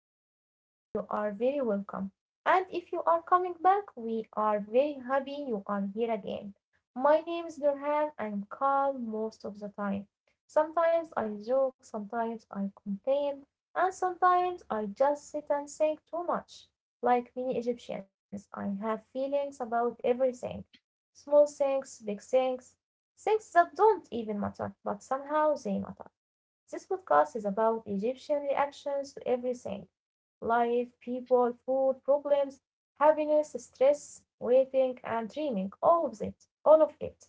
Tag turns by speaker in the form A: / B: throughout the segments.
A: first here, you are very welcome. And if you are coming back, we are very happy you are here again. My name is Nurhan. I'm calm most of the time. Sometimes I joke, sometimes I complain, and sometimes I just sit and think too much. Like many Egyptians, I have feelings about everything, small things, big things, things that don't even matter, but somehow they matter. This podcast is about Egyptian reactions to everything: life, people, food, problems, happiness, stress, waiting, and dreaming. All of it. All of it.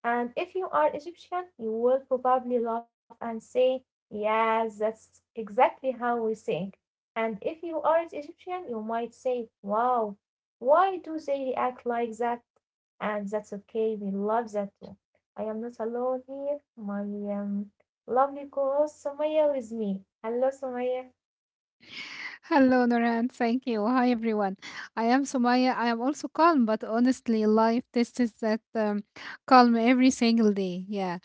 A: And if you are Egyptian, you will probably laugh and say, "Yes, that's exactly how we think." And if you aren't Egyptian, you might say, "Wow, why do they react like that?" And that's okay, we love that too. I am not alone here. My lovely co-host Sumaya with me. Hello, Sumaya.
B: Hello, Noran. Thank you. Hi, everyone. I am Sumaya. I am also calm, but honestly, life tests that calm every single day. Yeah.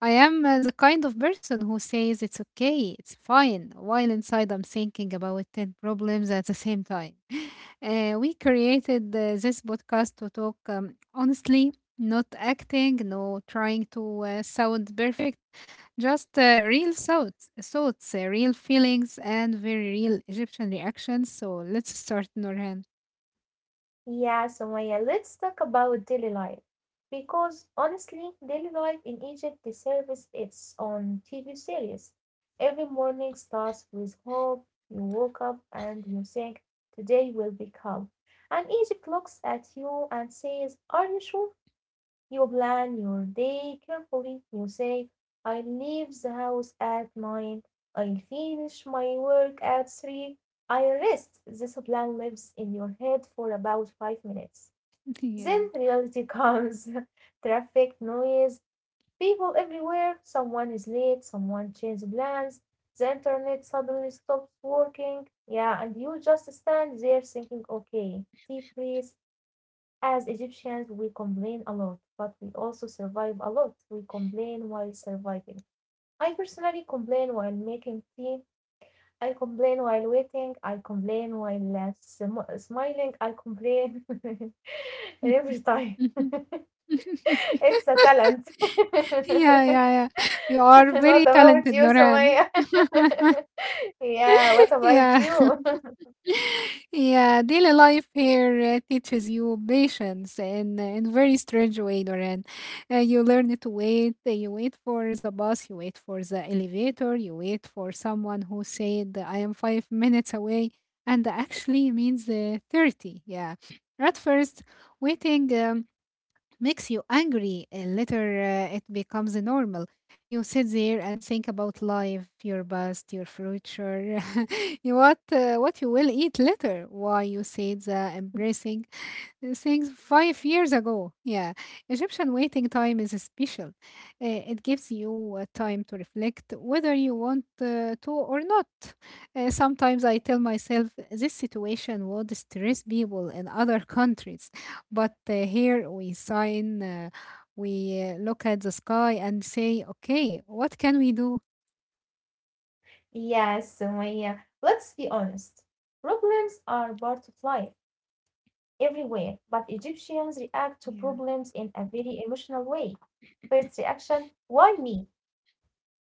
B: I am the kind of person who says it's okay, it's fine, while inside I'm thinking about 10 problems at the same time. We created this podcast to talk honestly, not acting, no trying to sound perfect, just real thoughts, real feelings, and very real Egyptian reactions. So let's start, Norhan.
A: Yeah, Sumaya, let's talk about daily life. Because honestly, daily life in Egypt deserves its own TV series. Every morning starts with hope. You woke up and you think, today will be calm. And Egypt looks at you and says, "Are you sure?" You plan your day carefully. You say, I leave the house at nine, I finish my work at three, I rest. This plan lives in your head for about 5 minutes.
B: Yeah.
A: Then reality comes, traffic, noise, people everywhere, someone is late, someone changes plans, the internet suddenly stops working. Yeah, and you just stand there thinking, okay, deep breath, as Egyptians, we complain a lot, but we also survive a lot. We complain while surviving. I personally complain while making tea. I complain while waiting. I complain while smiling. I complain every time.
B: Yeah,
A: It's a talent.
B: yeah,
A: What
B: yeah. You are very
A: about
B: talented,
A: you,
B: Norhan.
A: Sumaya? Yeah, what about
B: Yeah.
A: you?
B: Yeah, daily life here teaches you patience in very strange way, Doran. You learn to wait. You wait for the bus. You wait for the elevator. You wait for someone who said I am 5 minutes away, and actually means 30. Yeah. At first, waiting. Makes you angry. Later, it becomes normal. You sit there and think about life, your past, your future, you what you will eat later, why you said the embracing things 5 years ago. Yeah. Egyptian waiting time is special. It gives you time to reflect whether you want to or not. Sometimes I tell myself this situation would stress people in other countries. But here we sign, we look at the sky and say, okay, what can we do?
A: Yes, Sumaya. Let's be honest. Problems are part of life. Everywhere, but Egyptians react to
B: Yeah.
A: problems in a very emotional way. First reaction, "Why me?"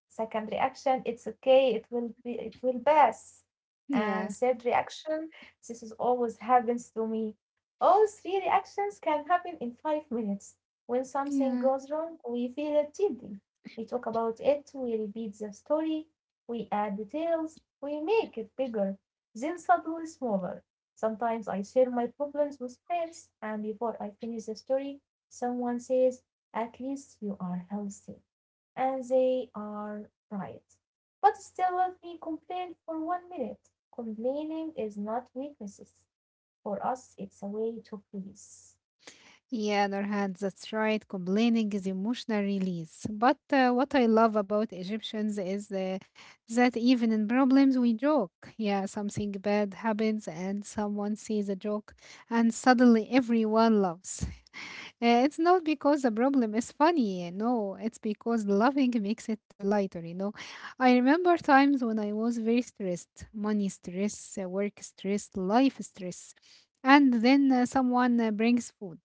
A: Second reaction, it's okay, it will pass. And
B: Yeah.
A: third reaction, this is always happens to me. All three reactions can happen in 5 minutes. When something
B: Yeah.
A: goes wrong, we feel it deeply. We talk about it, we repeat the story, we add details, we make it bigger, then suddenly smaller. Sometimes I share my problems with friends, and before I finish the story, someone says, "At least you are healthy." And they are right. But still, let me complain for one minute. Complaining is not weakness; for us it's a way to please.
B: Yeah, Nurhan, that's right. Complaining is emotional release. But what I love about Egyptians is that even in problems, we joke. Yeah, something bad happens and someone sees a joke, and suddenly everyone laughs. It's not because the problem is funny, eh, no, it's because loving makes it lighter, you know. I remember times when I was very stressed, money stress, work stress, life stress. And then someone brings food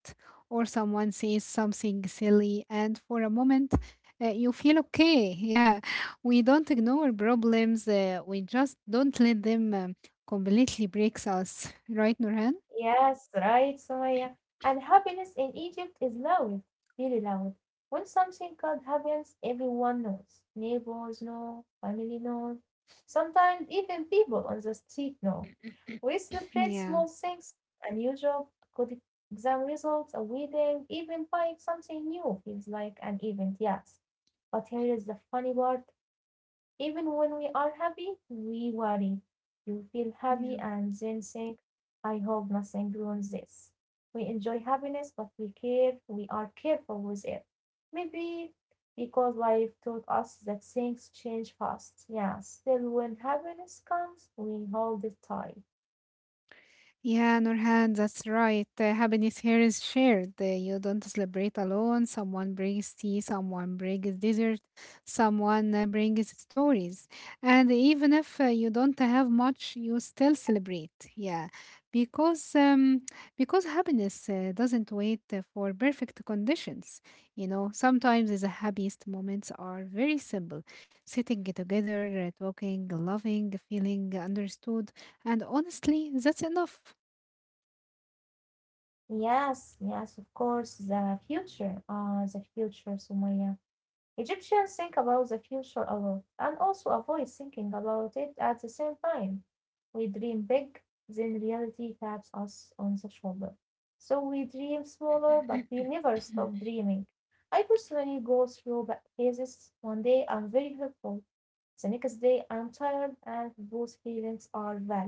B: or someone says something silly, and for a moment, you feel okay. Yeah, we don't ignore problems, we just don't let them completely break us, right, Nurhan?
A: Yes, right, Sumaya. And happiness in Egypt is loud, really loud. When something good happens, everyone knows. Neighbors know, family knows. Sometimes even people on the street know. We celebrate small
B: Yeah,
A: things, unusual, good exam results, a wedding, even buying something new feels like an event, yes. But here is the funny part. Even when we are happy, we worry. You feel happy and
B: yeah.
A: then think, I hope nothing ruins this. We enjoy happiness, but we care, we are careful with it. Maybe because life taught us that things change fast. Yeah, still when happiness comes, we hold it tight.
B: Yeah, Nurhan, that's right. Happiness here is shared. You don't celebrate alone. Someone brings tea, someone brings dessert, someone brings stories. And even if you don't have much, you still celebrate. Yeah, because um, because happiness doesn't wait for perfect conditions. You know, sometimes the happiest moments are very simple: sitting together, talking, loving, feeling understood. And honestly, that's enough.
A: Yes, yes, of course, the future. Ah, the future, Sumaya. Egyptians think about the future a lot, and also avoid thinking about it at the same time. We dream big, then reality taps us on the shoulder. So we dream smaller, but we never stop dreaming. I personally go through phases. One day I'm very hopeful, the next day I'm tired, and both feelings are valid.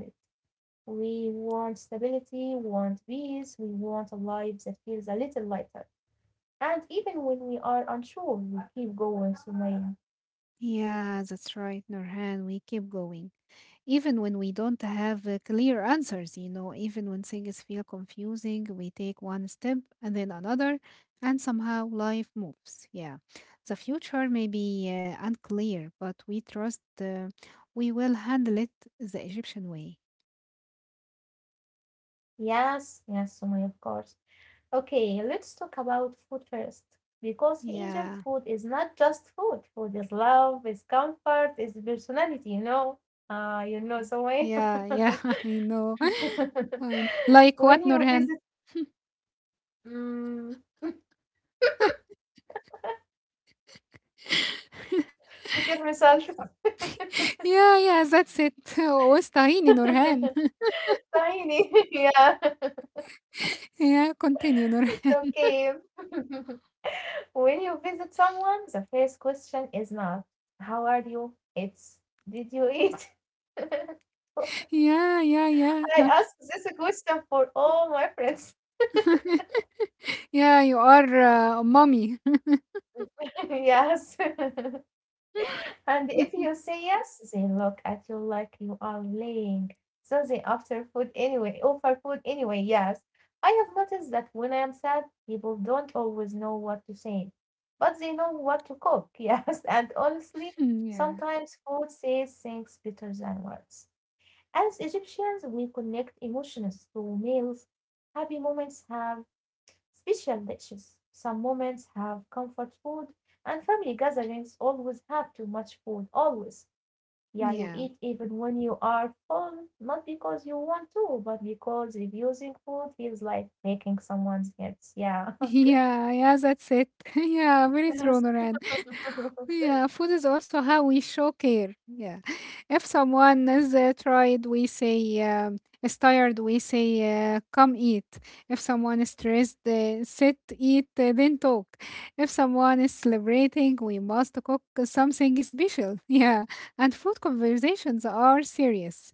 A: We want stability, want peace, we want a life that feels a little lighter. And even when we are unsure, we keep going, Sumaya.
B: Yeah, that's right, Nurhan. We keep going. Even when we don't have clear answers, you know, even when things feel confusing, we take one step and then another, and somehow life moves. Yeah. The future may be unclear, but we trust we will handle it the Egyptian way.
A: Yes, yes, Sumaya, of course. Okay, let's talk about food first. Because in Egypt,
B: Yeah.
A: food is not just food. Food is love, is comfort, is personality, you know. You know, Sumaya.
B: Yeah. Yeah. I know. I know. Like
A: When
B: what,
A: you visit,
B: Nurhan?
A: mm, كتير مثال
B: Yeah. Yeah. That's it. Wastahini, Nurhan.
A: tiny, yeah,
B: Yeah, continue, Nora.
A: okay. When you visit someone, the first question is not, "How are you?" It's, "Did you eat?" I
B: Yeah, yeah, yeah.
A: ask this question for all my friends.
B: Yeah, you are a mommy.
A: Yes. And if you say yes, they look at you like you are lying. So they offer food anyway, yes. I have noticed that when I am sad, people don't always know what to say, but they know what to cook. Yes. And honestly,
B: Yeah,
A: sometimes food says things better than words. As Egyptians, we connect emotions to meals. Happy moments have special dishes. Some moments have comfort food, and family gatherings always have too much food. Always. Yeah, you
B: yeah.
A: eat even when you are full, not because you want to, but because refusing food feels like breaking someone's head. Yeah.
B: Yeah, yeah, that's it. Yeah, very true,
A: Yes.
B: Nora. Yeah, food is also how we show care. Yeah. If someone is tired, we say, come eat. If someone is stressed, sit, eat, then talk. If someone is celebrating, we must cook something special. Yeah. And food conversations are serious.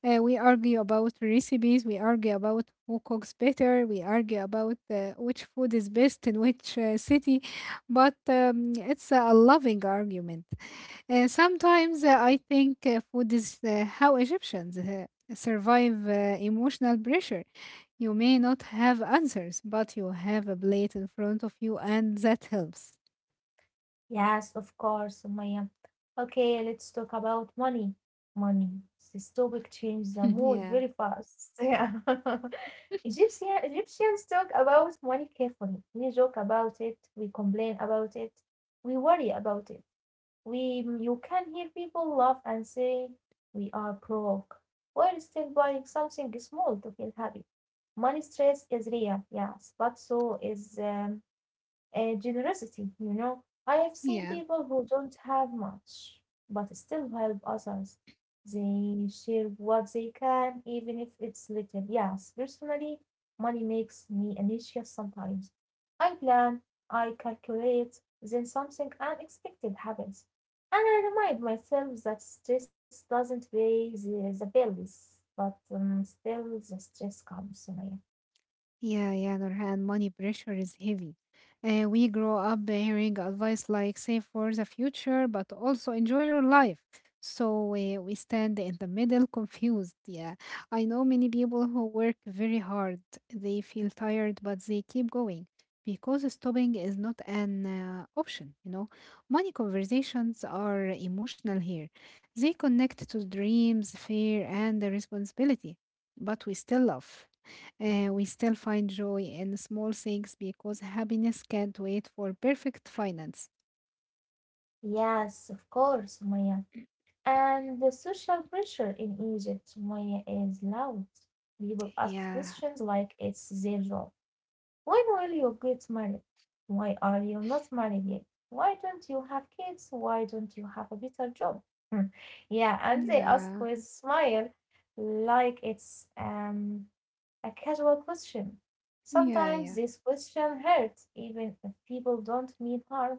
B: We argue about recipes, we argue about who cooks better, we argue about which food is best in which city, but it's a loving argument. Sometimes I think food is how Egyptians survive emotional pressure. You may not have answers, but you have a plate in front of you, and that helps.
A: Yes, of course, Sumaya. Okay, let's talk about money. Money. This topic changed the mood very
B: Yeah.
A: fast. Yeah. Egyptians talk about money carefully. We joke about it. We complain about it. We worry about it. You can hear people laugh and say, "We are broke," while still buying something small to feel happy. Money stress is real, yes, but so is generosity. You know, I have seen
B: Yeah.
A: people who don't have much, but still help others. They share what they can, even if it's little. Yes, personally, money makes me anxious sometimes. I plan, I calculate, then something unexpected happens. And I remind myself that stress doesn't pay the bills, but still the stress comes, Sumaya.
B: Yeah, yeah, Nurhan, money pressure is heavy. We grow up hearing advice like save for the future, but also enjoy your life. So we stand in the middle confused. Yeah, I know many people who work very hard. They feel tired, but they keep going because stopping is not an option, you know. Money conversations are emotional here. They connect to dreams, fear, and the responsibility, but we still love. We still find joy in small things because happiness can't wait for perfect finance.
A: Yes, of course, Sumaya. And the social pressure in Egypt, Sumaya, is loud. People ask
B: Yeah,
A: questions like it's their job. When will you get married? Why are you not married yet? Why don't you have kids? Why don't you have a better job? Yeah, and they ask
B: yeah,
A: with smile, like it's a casual question.
B: yeah,
A: Sometimes
B: yeah,
A: this question hurts, even if people don't mean harm.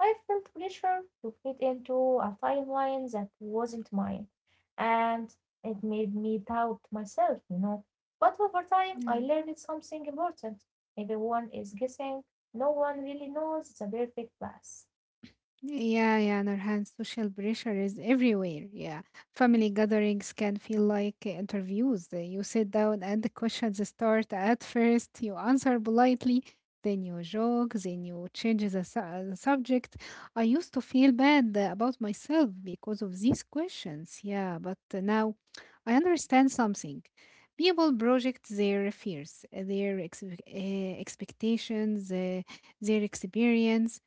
A: I felt pressure to fit into a timeline that wasn't mine, and it made me doubt myself, you know. But over time, I
B: yeah.
A: learned something important. Everyone is guessing, no one really knows the perfect path.
B: Yeah, yeah, on our hand, social pressure is everywhere. Yeah. Family gatherings can feel like interviews. You sit down and the questions start at first. You answer politely, then you joke, then you change the subject. I used to feel bad about myself because of these questions. Yeah, but now I understand something. People project their fears, their expectations, their experience,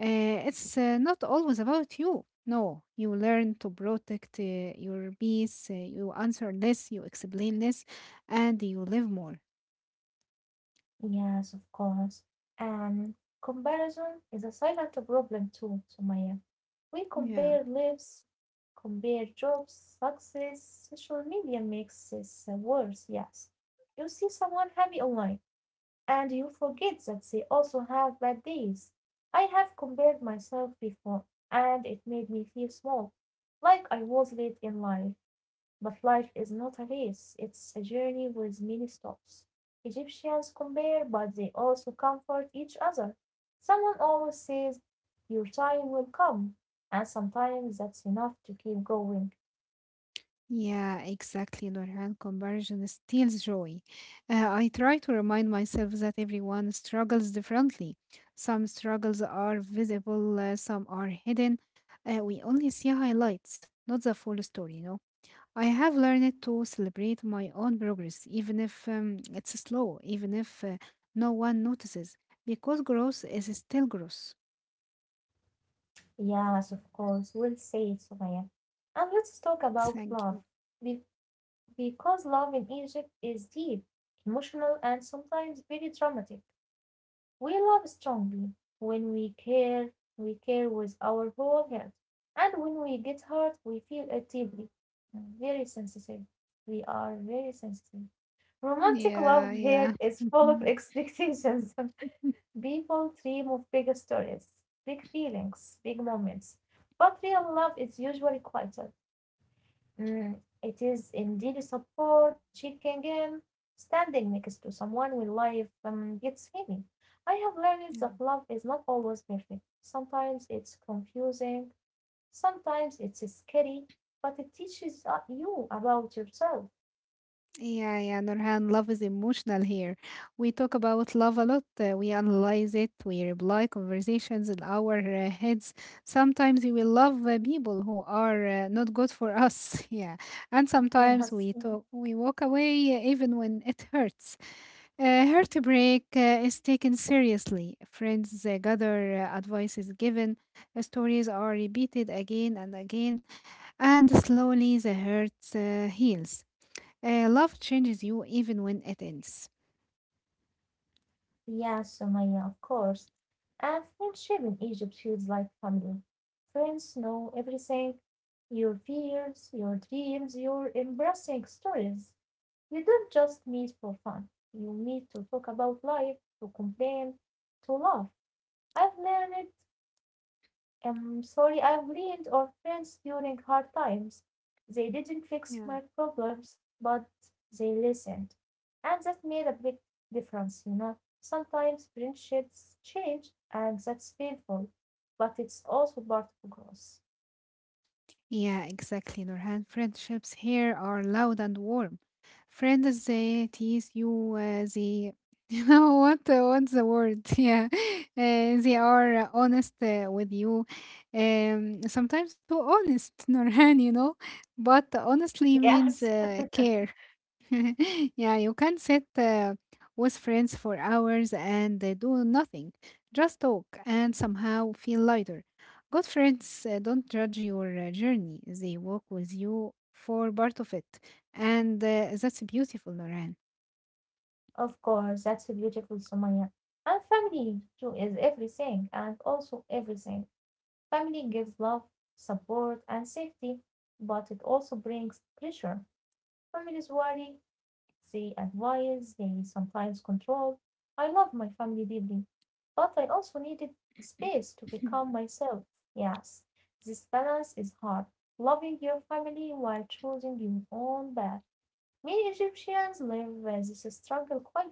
B: it's not always about you. No, you learn to protect your peace, you answer less, you explain less, and you live more.
A: Yes, of course. And comparison is a silent problem too, Sumaya. We
B: Yeah,
A: compare lives, compare jobs, success. Social media makes this worse, yes. You see someone happy online, and you forget that they also have bad days. I have compared myself before, and it made me feel small, like I was late in life. But life is not a race, it's a journey with many stops. Egyptians compare, but they also comfort each other. Someone always says, "Your time will come," and sometimes that's enough to keep going.
B: yeah, exactly, Nurhan. Comparison steals joy. I try to remind myself that everyone struggles differently. Some struggles are visible, some are hidden. We only see highlights, not the full story, you know. I have learned to celebrate my own progress, even if it's slow, even if no one notices, because growth is still growth.
A: Yes, of course, we'll say it, Sumaya. And let's talk about
B: Thank
A: love,
B: you.
A: be- because love in Egypt is deep, emotional, and sometimes very dramatic. We love strongly. When we care with our whole heart, and when we get hurt, we feel it deeply. Very sensitive. We are very sensitive. Romantic love
B: Yeah,
A: here
B: yeah.
A: is full of
B: Mhm.
A: expectations. People dream of big stories, big feelings, big moments. But real love is usually quieter. It is indeed support. Checking in, standing next to someone when life gets heavy. I have learned that love is not always perfect. Sometimes it's confusing, sometimes it's scary, but it teaches you about yourself.
B: Yeah, yeah, Nurhan, love is emotional here. We talk about love a lot. We analyze it. We reply conversations in our heads. Sometimes we will love people who are not good for us. Yeah, and sometimes
A: Yes.
B: we talk. We walk away even when it hurts. Heartbreak is taken seriously. Friends gather, advice is given, stories are repeated again and again, and slowly the hurt heals. Love changes you even when it ends.
A: Yeah, Sumaya, of course. And friendship in Egypt feels like family. Friends know everything, your fears, your dreams, your embarrassing stories. You don't just meet for fun, you meet to talk about life, to complain, to laugh. I've learned I Am sorry I've leaned on friends during hard times. They didn't fix
B: Yeah.
A: my problems, but they listened. And that made a big difference, you know. Sometimes friendships change, and that's painful, but it's also part of growth.
B: Yeah, exactly, Nurhan. Friendships here are loud and warm. Friends, they tease you. You know what? What's the word? Yeah, they are honest with you. Sometimes too honest, Nurhan. You know, but honestly
A: Yes.
B: means care. Yeah, you can sit with friends for hours and do nothing, just talk and somehow feel lighter. Good friends don't judge your journey, they walk with you for part of it. And that's beautiful, Noran.
A: Of course, that's beautiful, Sumaya. And family too is everything and also everything. Family gives love, support, and safety, but it also brings pressure. Families worry, they advise, they sometimes control. I love my family deeply, but I also needed space to become myself. Yes, this balance is hard. Loving your family while choosing your own path. Many Egyptians live with this struggle quietly.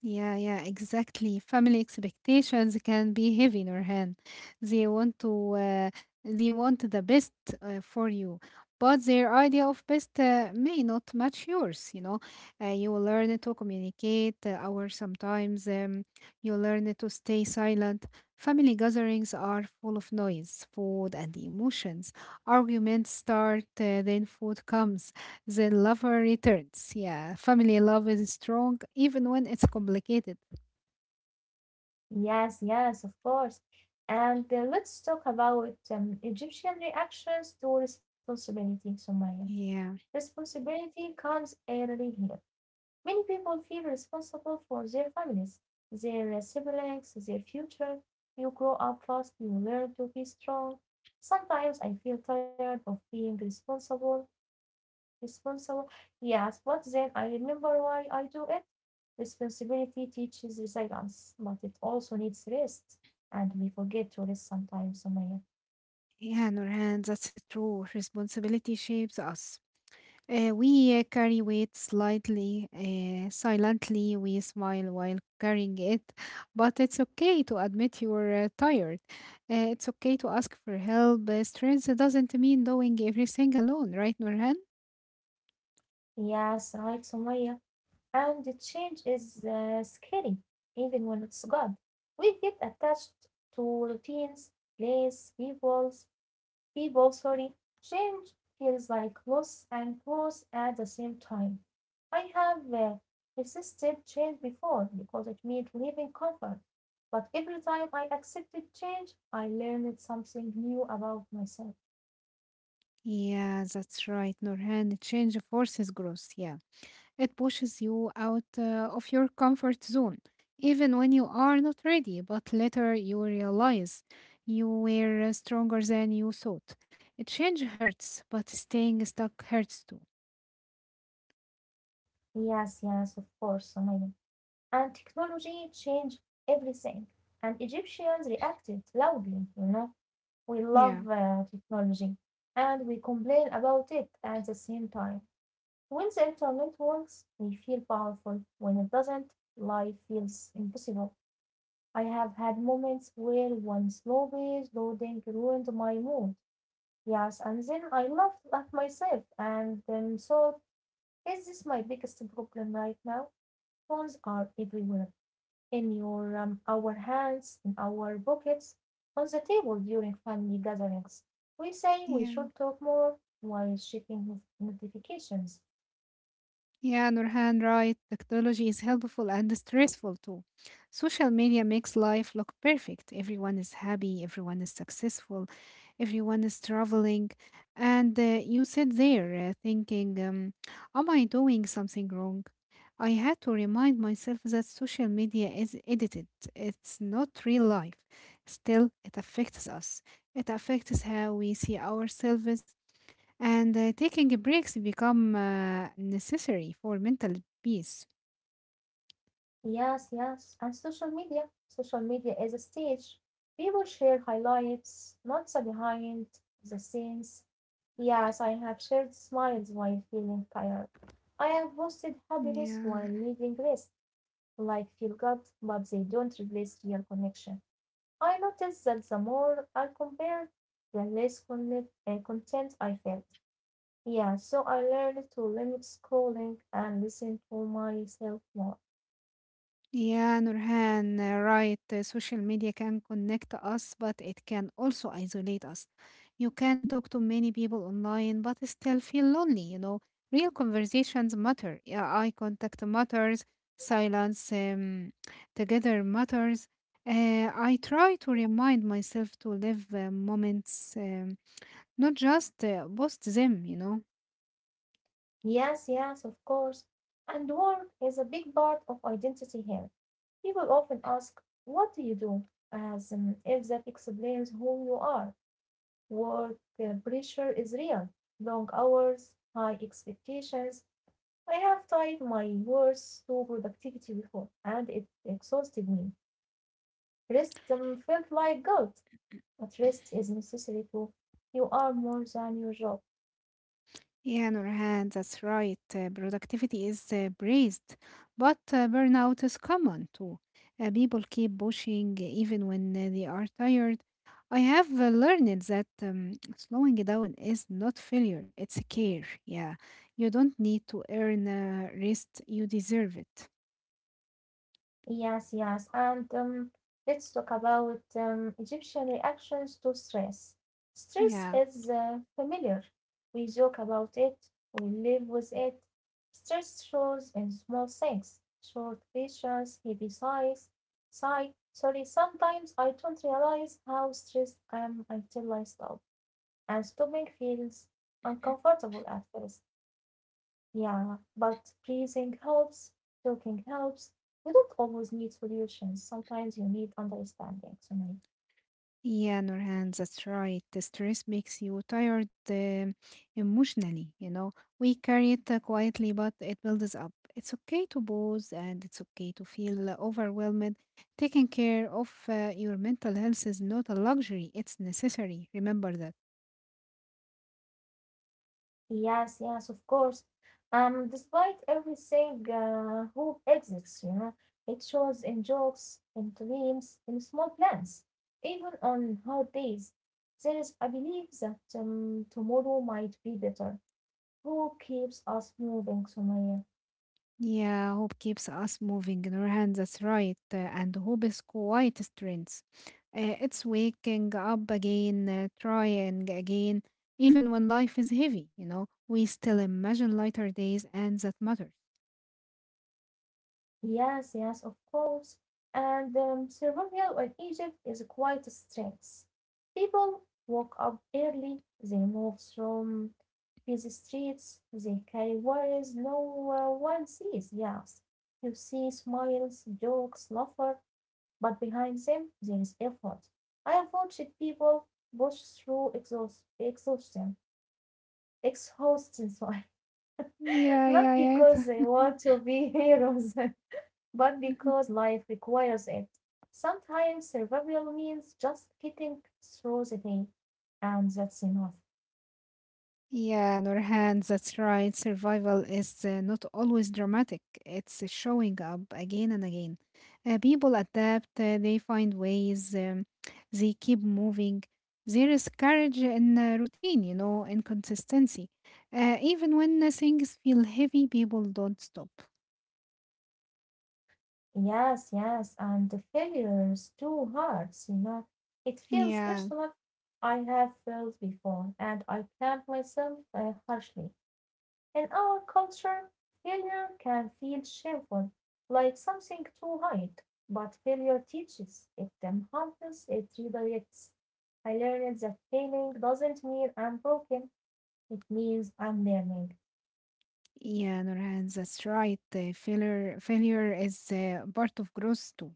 B: Yeah, yeah, exactly. Family expectations can be heavy, Nurhan. They want to, uh, they want the best for you, but their idea of best may not match yours. You know, you learn to communicate, or sometimes you learn to stay silent. Family gatherings are full of noise, food, and emotions. Arguments start, then food comes. The lover returns. Yeah, family love is strong even when it's complicated.
A: Yes, yes, of course. And let's talk about Egyptian reactions to responsibility, Sumaya.
B: Yeah,
A: Responsibility comes early here. Many people feel responsible for their families, their siblings, their future. You grow up fast, you learn to be strong. Sometimes I feel tired of being responsible. Yes, but then I remember why I do it. Responsibility teaches resilience, but it also needs rest, and we forget to rest sometimes, Sumaya.
B: yeah, Nurhan, that's a true. Responsibility shapes us. We carry weight slightly, silently. We smile while carrying it, but it's okay to admit you're tired. It's okay to ask for help. Strength doesn't mean doing everything alone, right, Nurhan?
A: Yes, right, Sumaya. And the change is scary, even when it's good. We get attached to routines, place, peoples, people, sorry. Change feels like loss and growth at the same time. I have resisted change before because it meant leaving comfort. But every time I accepted change, I learned something new about myself.
B: Yeah, that's right, Nurhan. Change forces growth. Yeah. It pushes you out of your comfort zone, even when you are not ready. But later you realize you were stronger than you thought. A change hurts, but staying stuck hurts too.
A: Yes, yes, of course, Sumaina. And technology changed everything. And Egyptians reacted loudly, you know. We
B: Yeah.
A: love technology and we complain about it at the same time. When the internet works, we feel powerful. When it doesn't, life feels impossible. I have had moments where one slow page loading ruined my mood. Yes, and then I laughed at myself and then thought, is this my biggest problem right now? Phones are everywhere in your our hands, in our pockets, on the table during family gatherings. We say we
B: Yeah.
A: should talk more while checking notifications.
B: Yeah, Nurhan, right. Technology is helpful and stressful too. Social media makes life look perfect. Everyone is happy, everyone is successful, everyone is traveling, and you sit there thinking, am I doing something wrong? I had to remind myself that social media is edited, it's not real life. Still it affects us, it affects how we see ourselves, and taking breaks become necessary for mental peace.
A: Yes, yes, and social media. Social media is a stage. People share highlights, not the behind the scenes. Yes, I have shared smiles while feeling tired. I have posted happiness while
B: Yeah.
A: needing rest. Like feel good, but they don't replace real connection. I noticed that the more I compared, the less content I felt. Yeah, so I learned to limit scrolling and listen to myself more.
B: Yeah, Nurhan, right. Social media can connect us, but it can also isolate us. You can talk to many people online, but still feel lonely, you know. Real conversations matter. Yeah, eye contact matters. Silence together matters. I try to remind myself to live moments, not just post them, you know.
A: Yes, yes, of course. And work is a big part of identity here. People often ask, what do you do? As if that explains who you are. Work pressure is real. Long hours, high expectations. I have tied my words to productivity before, and it exhausted me. Rest felt like guilt, but rest is necessary too. You are more than your job.
B: Yeah, Nurhan, that's right. Productivity is praised, but burnout is common too. People keep pushing even when they are tired. I have learned that slowing down is not failure, it's care. Yeah, you don't need to earn rest, you deserve it.
A: Yes, yes. And Let's talk about Egyptian reactions to stress. Stress
B: Yeah.
A: is familiar. We joke about it, we live with it. Stress shows in small things short visions, heavy sighs, sigh. Sorry, sometimes I don't realize how stressed I am until I stop. And stopping feels uncomfortable at first. Yeah, but breathing helps, talking helps. You don't always need solutions. Sometimes you need understanding, Sumaya.
B: Yeah, Nurhan, that's right. The stress makes you tired emotionally, you know. We carry it quietly, but it builds up. It's okay to pause and it's okay to feel overwhelmed. Taking care of your mental health is not a luxury, it's necessary. Remember that.
A: Yes, yes, of course. Despite everything, hope exists, you know. It shows in jokes, in dreams, in small plans, even on hard days. There is a belief that tomorrow might be better. Hope keeps us moving, Sumaya.
B: Yeah, hope keeps us moving in our hands. That's right. And hope is quite strength. It's waking up again, trying again, even when life is heavy, you know, we still imagine lighter days, and that matters.
A: Yes, yes, of course. And Survival in Egypt is quite a strength. People woke up early, they move through busy streets, they carry worries no one sees, yes. You see smiles, jokes, laughter, but behind them there is effort. I have watched people push through exhaust, exhaustion, exhaustion, sorry, not
B: Yeah, yeah,
A: because they
B: yeah.
A: want to be heroes. But because life requires it, sometimes survival means just getting through the day, and that's enough.
B: Yeah, Nurhan, that's right. Survival is not always dramatic. It's showing up again and again. People adapt, they find ways, they keep moving. There is courage in routine, you know, in consistency. Even when things feel heavy, people don't stop.
A: Yes, yes, and the failures too hurts, you know. It feels
B: Yeah,
A: personal. I have failed before, and I blamed myself harshly. In our culture failure can feel shameful, like something to hide, but failure teaches, it humbles, it redirects. I learned that failing doesn't mean I'm broken, it means I'm learning.
B: yeah, Nurhan, that's right. Failure is part of growth too.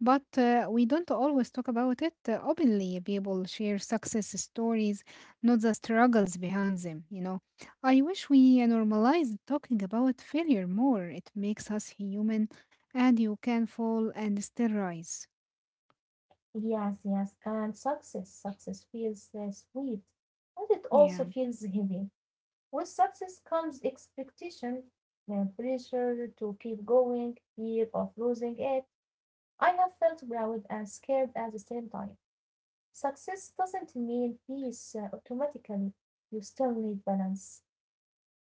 B: But we don't always talk about it openly. People share success stories, not the struggles behind them, you know. I wish we normalized talking about failure more. It makes us human, and you can fall and still rise.
A: Yes, yes, and success, success feels sweet, but it
B: Yeah.
A: also feels heavy. With success comes expectation and pressure to keep going, fear of losing it. I have felt proud and scared at the same time. Success doesn't mean peace automatically. You still need balance.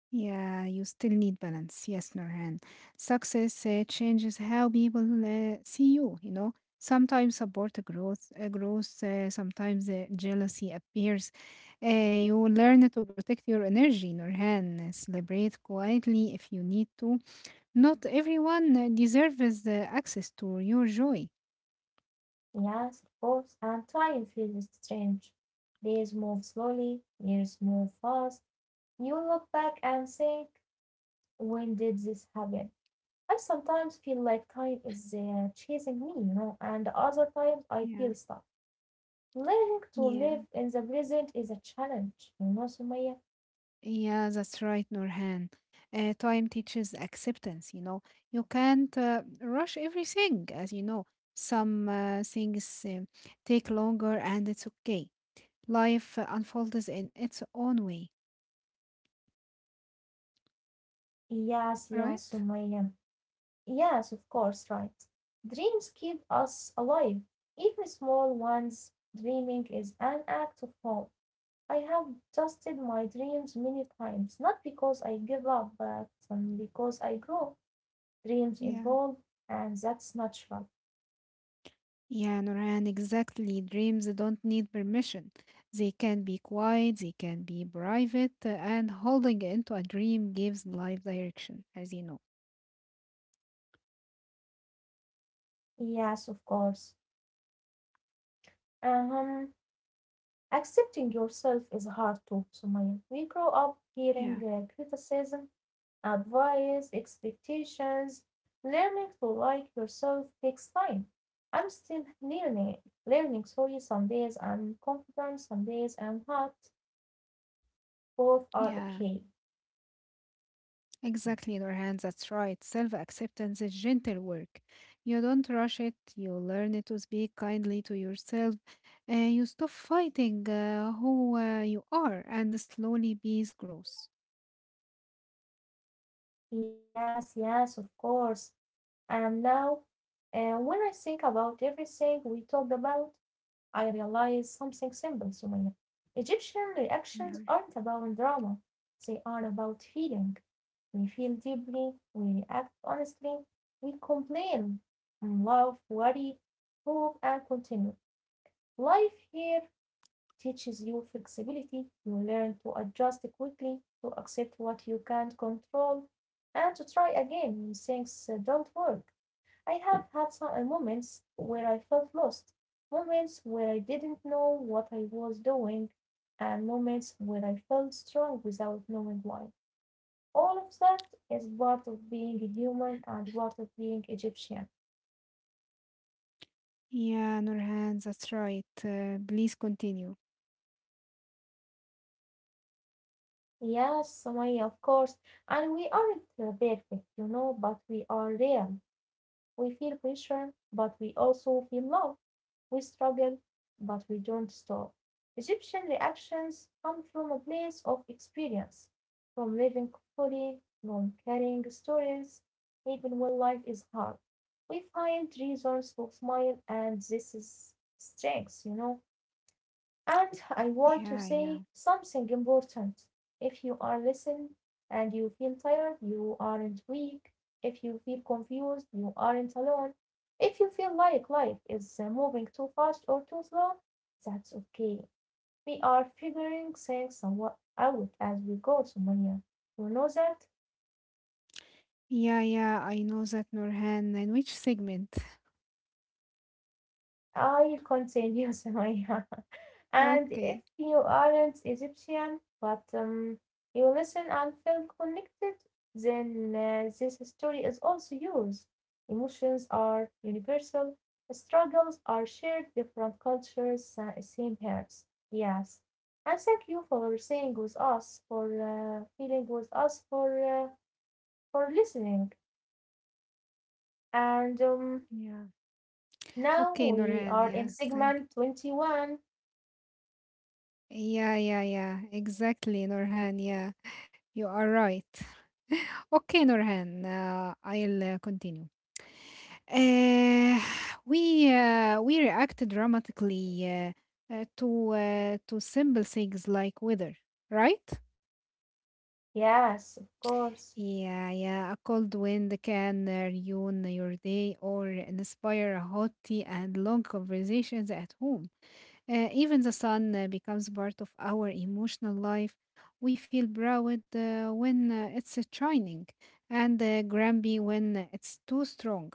B: Yeah, you still need balance. Yes, Norhan. Success changes how people see you, you know. Sometimes support growth, sometimes jealousy appears. You learn to protect your energy, Norhan. Celebrate quietly if you need to. Not everyone deserves access to your joy.
A: Yes, of course, and time feels strange. Days move slowly, years move fast. You look back and think, when did this happen? I sometimes feel like time is chasing me, you know, and other times I
B: Yeah,
A: feel stuck. Learning to
B: yeah.
A: live in the present is a challenge, you know, Sumaya?
B: Yeah, that's right, Nurhan. Time teaches acceptance, you know. You can't rush everything, as you know. Some things take longer and it's okay. Life unfolds in its own way,
A: Yes, yes,
B: right?
A: Sumaya. Yes, of course, right. Dreams keep us alive. Even small ones, dreaming is an act of hope. I have trusted my dreams many times, not because I give up, but because I grow. Dreams
B: Yeah.
A: evolve, and that's natural.
B: Yeah, Nurhan, exactly. Dreams don't need permission. They can be quiet, they can be private, and holding into a dream gives life direction, as you know.
A: Yes, of course. Uh-huh. Accepting yourself is hard too, Sumaya. We grow up
B: Yeah.
A: hearing criticism, advice, expectations. Learning to like yourself takes time. I'm still learning, learning, sorry, some days I'm confident, some days I'm not. Both are
B: Yeah.
A: okay.
B: Exactly, Nurhan, that's right. Self acceptance is gentle work. You don't rush it, you learn to speak kindly to yourself, and you stop fighting who you are, and slowly peace grows.
A: Yes, yes, of course. And now, when I think about everything we talked about, I realized something simple, Sumaya. Egyptian
B: Yeah,
A: reactions aren't about drama, they are about feeling. We feel deeply, we react honestly, we complain, love, worry, hope, and continue. Life here teaches you flexibility, you learn to adjust quickly, to accept what you can't control, and to try again when things don't work. I have had some moments where I felt lost, moments where I didn't know what I was doing, and moments where I felt strong without knowing why. All of that is part of being human and part of being Egyptian.
B: yeah Nurhan, that's right. Please continue.
A: Yes, Sumaya, of course. And we aren't perfect, you know, but we are real. We feel pressure, but we also feel love. We struggle, but we don't stop. Egyptian reactions come from a place of experience, from living fully, from carrying stories, even when life is hard. We find reasons to smile, and this is strength, you know. And I want to
B: Yeah, yeah.
A: say something important. If you are listening and you feel tired, you aren't weak. If you feel confused, you aren't alone. If you feel like life is moving too fast or too slow, that's okay. We are figuring things somewhat out as we go, Sumaya. You know that?
B: Yeah, yeah, I know that, Nurhan. And which segment?
A: I'll continue, Sumaya. And if
B: Okay,
A: you aren't Egyptian but you listen and feel connected, then this story is also yours. Emotions are universal, struggles are shared, different cultures, same hearts. Yes. And thank you for saying with us, for feeling with us, for listening. And
B: yeah.
A: Now
B: Okay,
A: we
B: Nurhan,
A: are in
B: yeah, thank
A: segment 21.
B: Yeah, yeah, yeah, exactly, Nurhan, yeah. You are right. Okay, Nurhan, I'll continue. Uh, we react dramatically to simple things like weather, right?
A: Yes, of course.
B: Yeah, yeah. A cold wind can ruin your day or inspire a hot tea and long conversations at home. Even the sun becomes part of our emotional life. We feel proud when it's shining and grumpy when it's too strong.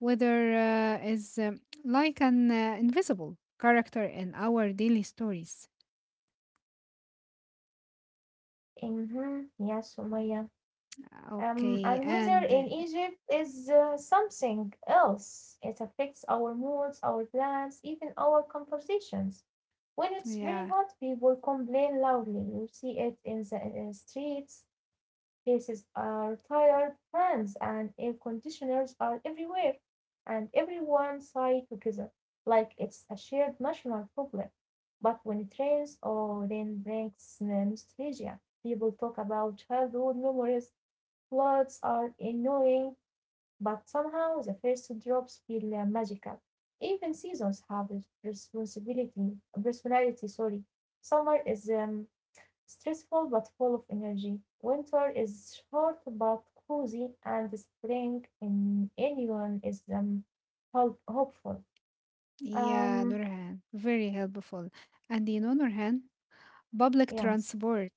B: Weather is like an invisible character in our daily stories.
A: Mm-hmm. Yes, Sumaya. And
B: Okay,
A: weather in
B: and
A: Egypt is something else. It affects our moods, our plans, even our conversations. When it's very
B: yeah,
A: hot, people complain loudly. You see it in the streets. Places are tired, fans and air conditioners are everywhere, and everyone sighs together, like it's a shared national problem. But when it rains, oh, then brings nostalgia. People talk about childhood memories. Clothes are annoying, but somehow the first drops feel magical. Even seasons have a responsibility personality, sorry. Summer is stressful but full of energy. Winter is short but cozy, and spring in anyone is hopeful.
B: yeah,
A: Um,
B: Nurhan, very helpful. And you know, Nurhan, public
A: yes,
B: transport,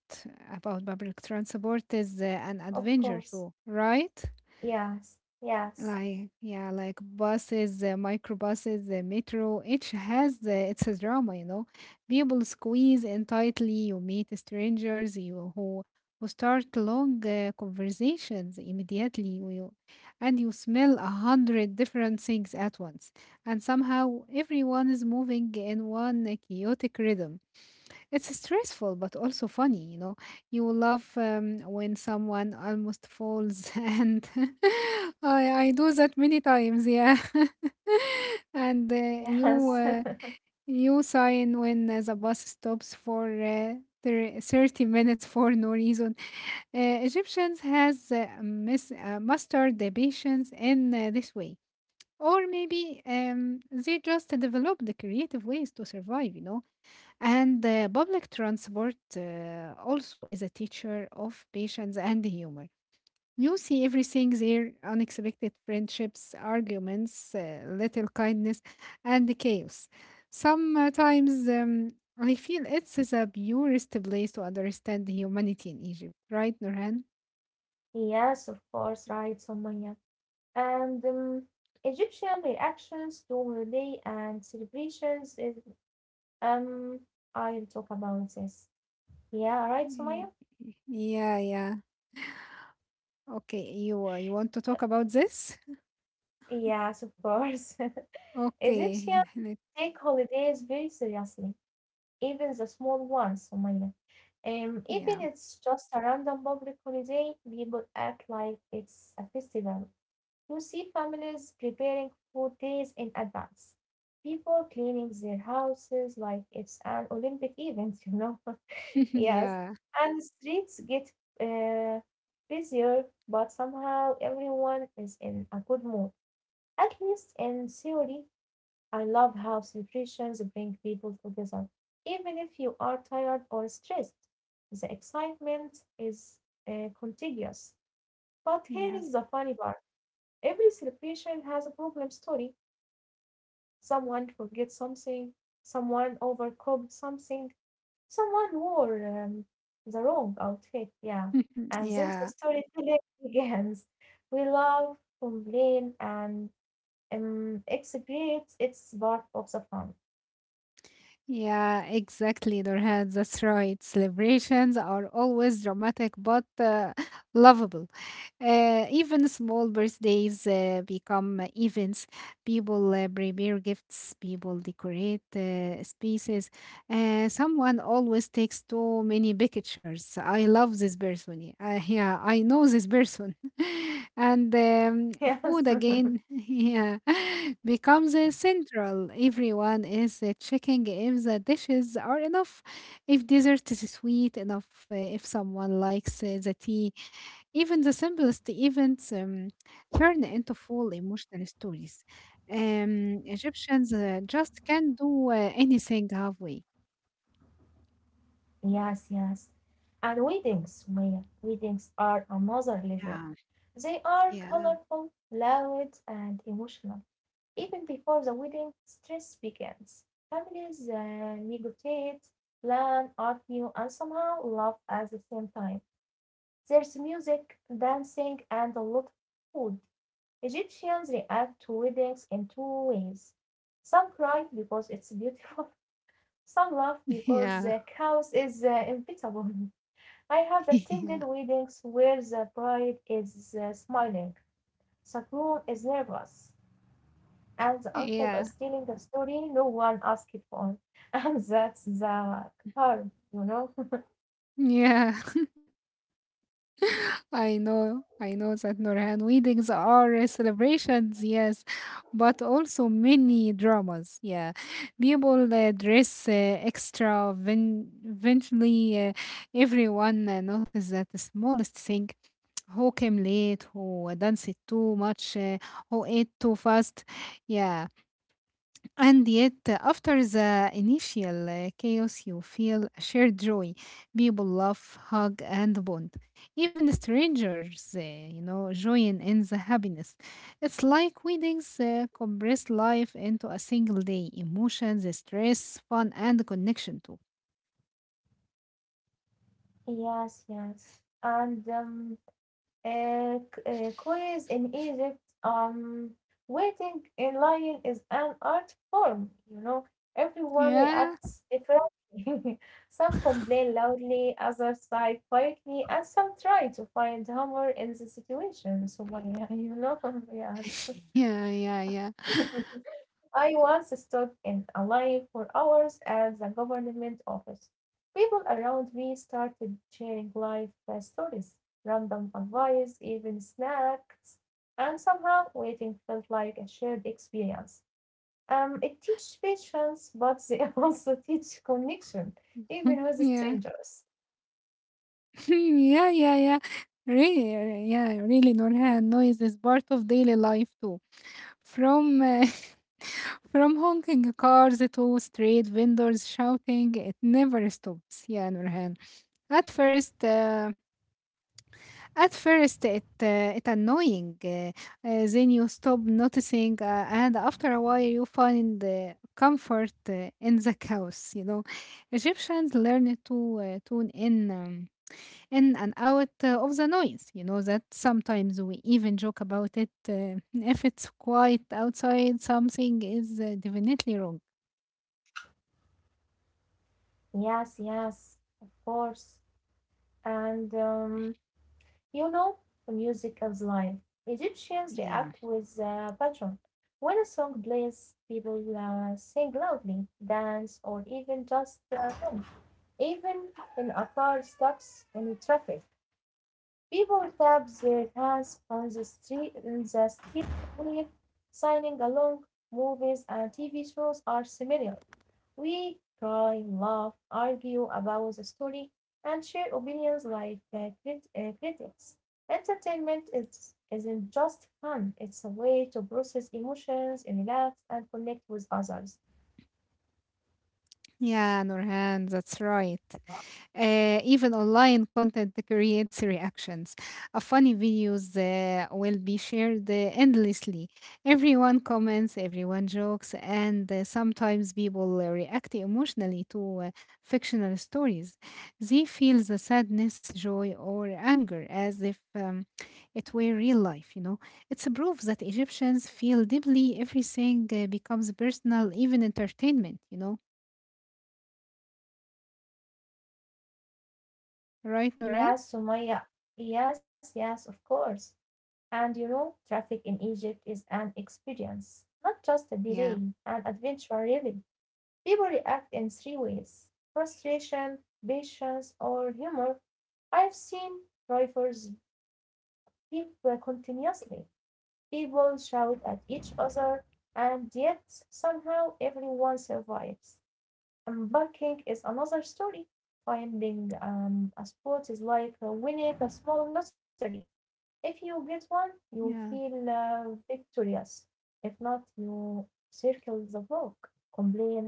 B: about public transport is an
A: of
B: adventure
A: course.
B: too, right?
A: Yes, yes,
B: Like, yeah, like buses, microbuses, the metro, each has its drama, you know. People squeeze in tightly, you meet strangers, you who start long conversations immediately, and you smell a hundred different things at once, and somehow everyone is moving in one chaotic rhythm. It's stressful, but also funny, you know. You will laugh when someone almost falls, and I do that many times, yeah. And you
A: yes,
B: uh, you sign when the bus stops for 30 minutes for no reason. Egyptians has mastered the patience in this way. Or maybe they just developed the creative ways to survive, and the public transport also is a teacher of patience and humor. You see everything there unexpected friendships, arguments, little kindness, and the chaos. Sometimes I feel it's the purest place to understand humanity in Egypt, right, Nurhan?
A: yes, of course, right, Sumaya. And Egyptian reactions to holiday and celebrations is um I'll talk about this. Yeah, right, Sumaya?
B: Y- Yeah, yeah. Okay, you want to
A: Uh,
B: talk about this?
A: Yes, of course. Egyptians
B: Okay,
A: take holidays very seriously, even the small ones, Sumaya. Even
B: yeah,
A: it's just a random public holiday, people act like it's a festival. You see families preparing food days in advance. People cleaning their houses like it's an Olympic event, you know. Yes.
B: yeah,
A: And streets get uh, busier, but somehow everyone is in a good mood, at least in theory. I love how celebrations bring people together, even if you are tired or stressed. The excitement is contagious. But here
B: yeah,
A: is the funny part, every celebration has a problem story. Someone forgets something, someone overcooked something, someone wore um, the wrong outfit, yeah. And then the
B: yeah.
A: storytelling begins. We love, complain, and execrate. It's part of the fun.
B: Yeah, exactly, Nurhan. That's right. Celebrations are always dramatic but lovable. Even small birthdays become events. People prepare gifts, people decorate spaces. Someone always takes too many pictures. I love this person. Yeah, I know this person. And
A: Yes.
B: food again, yeah, becomes central. Everyone is checking if the dishes are enough, if dessert is sweet enough, if someone likes the tea. Even the simplest events turn into full emotional stories. Egyptians just can't do anything halfway.
A: Yes, yes. And weddings, Maya, weddings are another level.
B: Yeah,
A: They are
B: yeah,
A: colorful, loud, and emotional. Even before the wedding, stress begins. Families negotiate, plan, argue, and somehow laugh at the same time. There's music, dancing, and a lot of food. Egyptians react to weddings in two ways. Some cry because it's beautiful, some laugh because
B: yeah,
A: the chaos is inevitable. I have
B: yeah,
A: attended weddings where the bride is smiling, the groom is nervous, and the uncle is
B: yeah,
A: telling a story no one asked for. And that's the harm, you know?
B: yeah. I know that Nurhan, weddings are celebrations, yes, but also many dramas. Yeah, people dress extra. When eventually, everyone notices that the smallest thing. Who came late, who danced too much, who ate too fast. Yeah. And yet, after the initial chaos, you feel a shared joy. People laugh, hug, and bond. Even strangers, join in the happiness. It's like weddings compress life into a single day: emotions, stress, fun, and connection too.
A: Yes, yes. Queens in Egypt, waiting in line is an art form, you know. Everyone
B: Yeah.
A: reacts differently. Some complain loudly, others sigh quietly, and some try to find humor in the situation. So, yeah, you know,
B: Yeah. Yeah. Yeah.
A: yes. I once stood in a line for hours at the government office. People around me started sharing life stories, random advice, even snacks, and somehow waiting felt like a shared experience. It teaches patience, but they also teach connection, even with
B: Yeah.
A: strangers.
B: Yeah, yeah, yeah. Really, yeah, really, Nurhan, noise is part of daily life too. From from honking cars to street vendors shouting, it never stops. Yeah, Nurhan. At first, it annoying. Then you stop noticing, and after a while, you find comfort in the chaos. You know, Egyptians learn to tune in, um, in and out of the noise. You know that sometimes we even joke about it. If it's quiet outside, something is definitely wrong.
A: Yes, yes, of course. And you know, music is life. Egyptians react
B: Yeah,
A: with a pattern. When a song plays, people sing loudly, dance, or even just hum. Even in a car stuck in traffic, people tap their hands on the street in the street with signing along. Movies and TV shows are similar. We cry, laugh, argue about the story, and share opinions like critics. Isn't just fun, it's a way to process emotions, and relax, and connect with others.
B: yeah, Nurhan, that's right. Even online content creates reactions. A funny videos will be shared endlessly. Everyone comments, everyone jokes, and sometimes people react emotionally to fictional stories. They feel the sadness, joy, or anger as if it were real life, you know. It's a proof that Egyptians feel deeply, everything becomes personal, even entertainment, you know. Right, Noran?
A: Yes, Sumaya. Yes, yes, of course. And you know, traffic in Egypt is an experience, not just a delay,
B: Yeah.
A: an adventure, really. People react in three ways, frustration, patience, or humor. I've seen drivers People continuously. People shout at each other, and yet somehow everyone survives. Embarking is another story. Finding a spot is like winning a small lottery. If you get one, you
B: Yeah.
A: feel victorious. If not, you circle the block, complain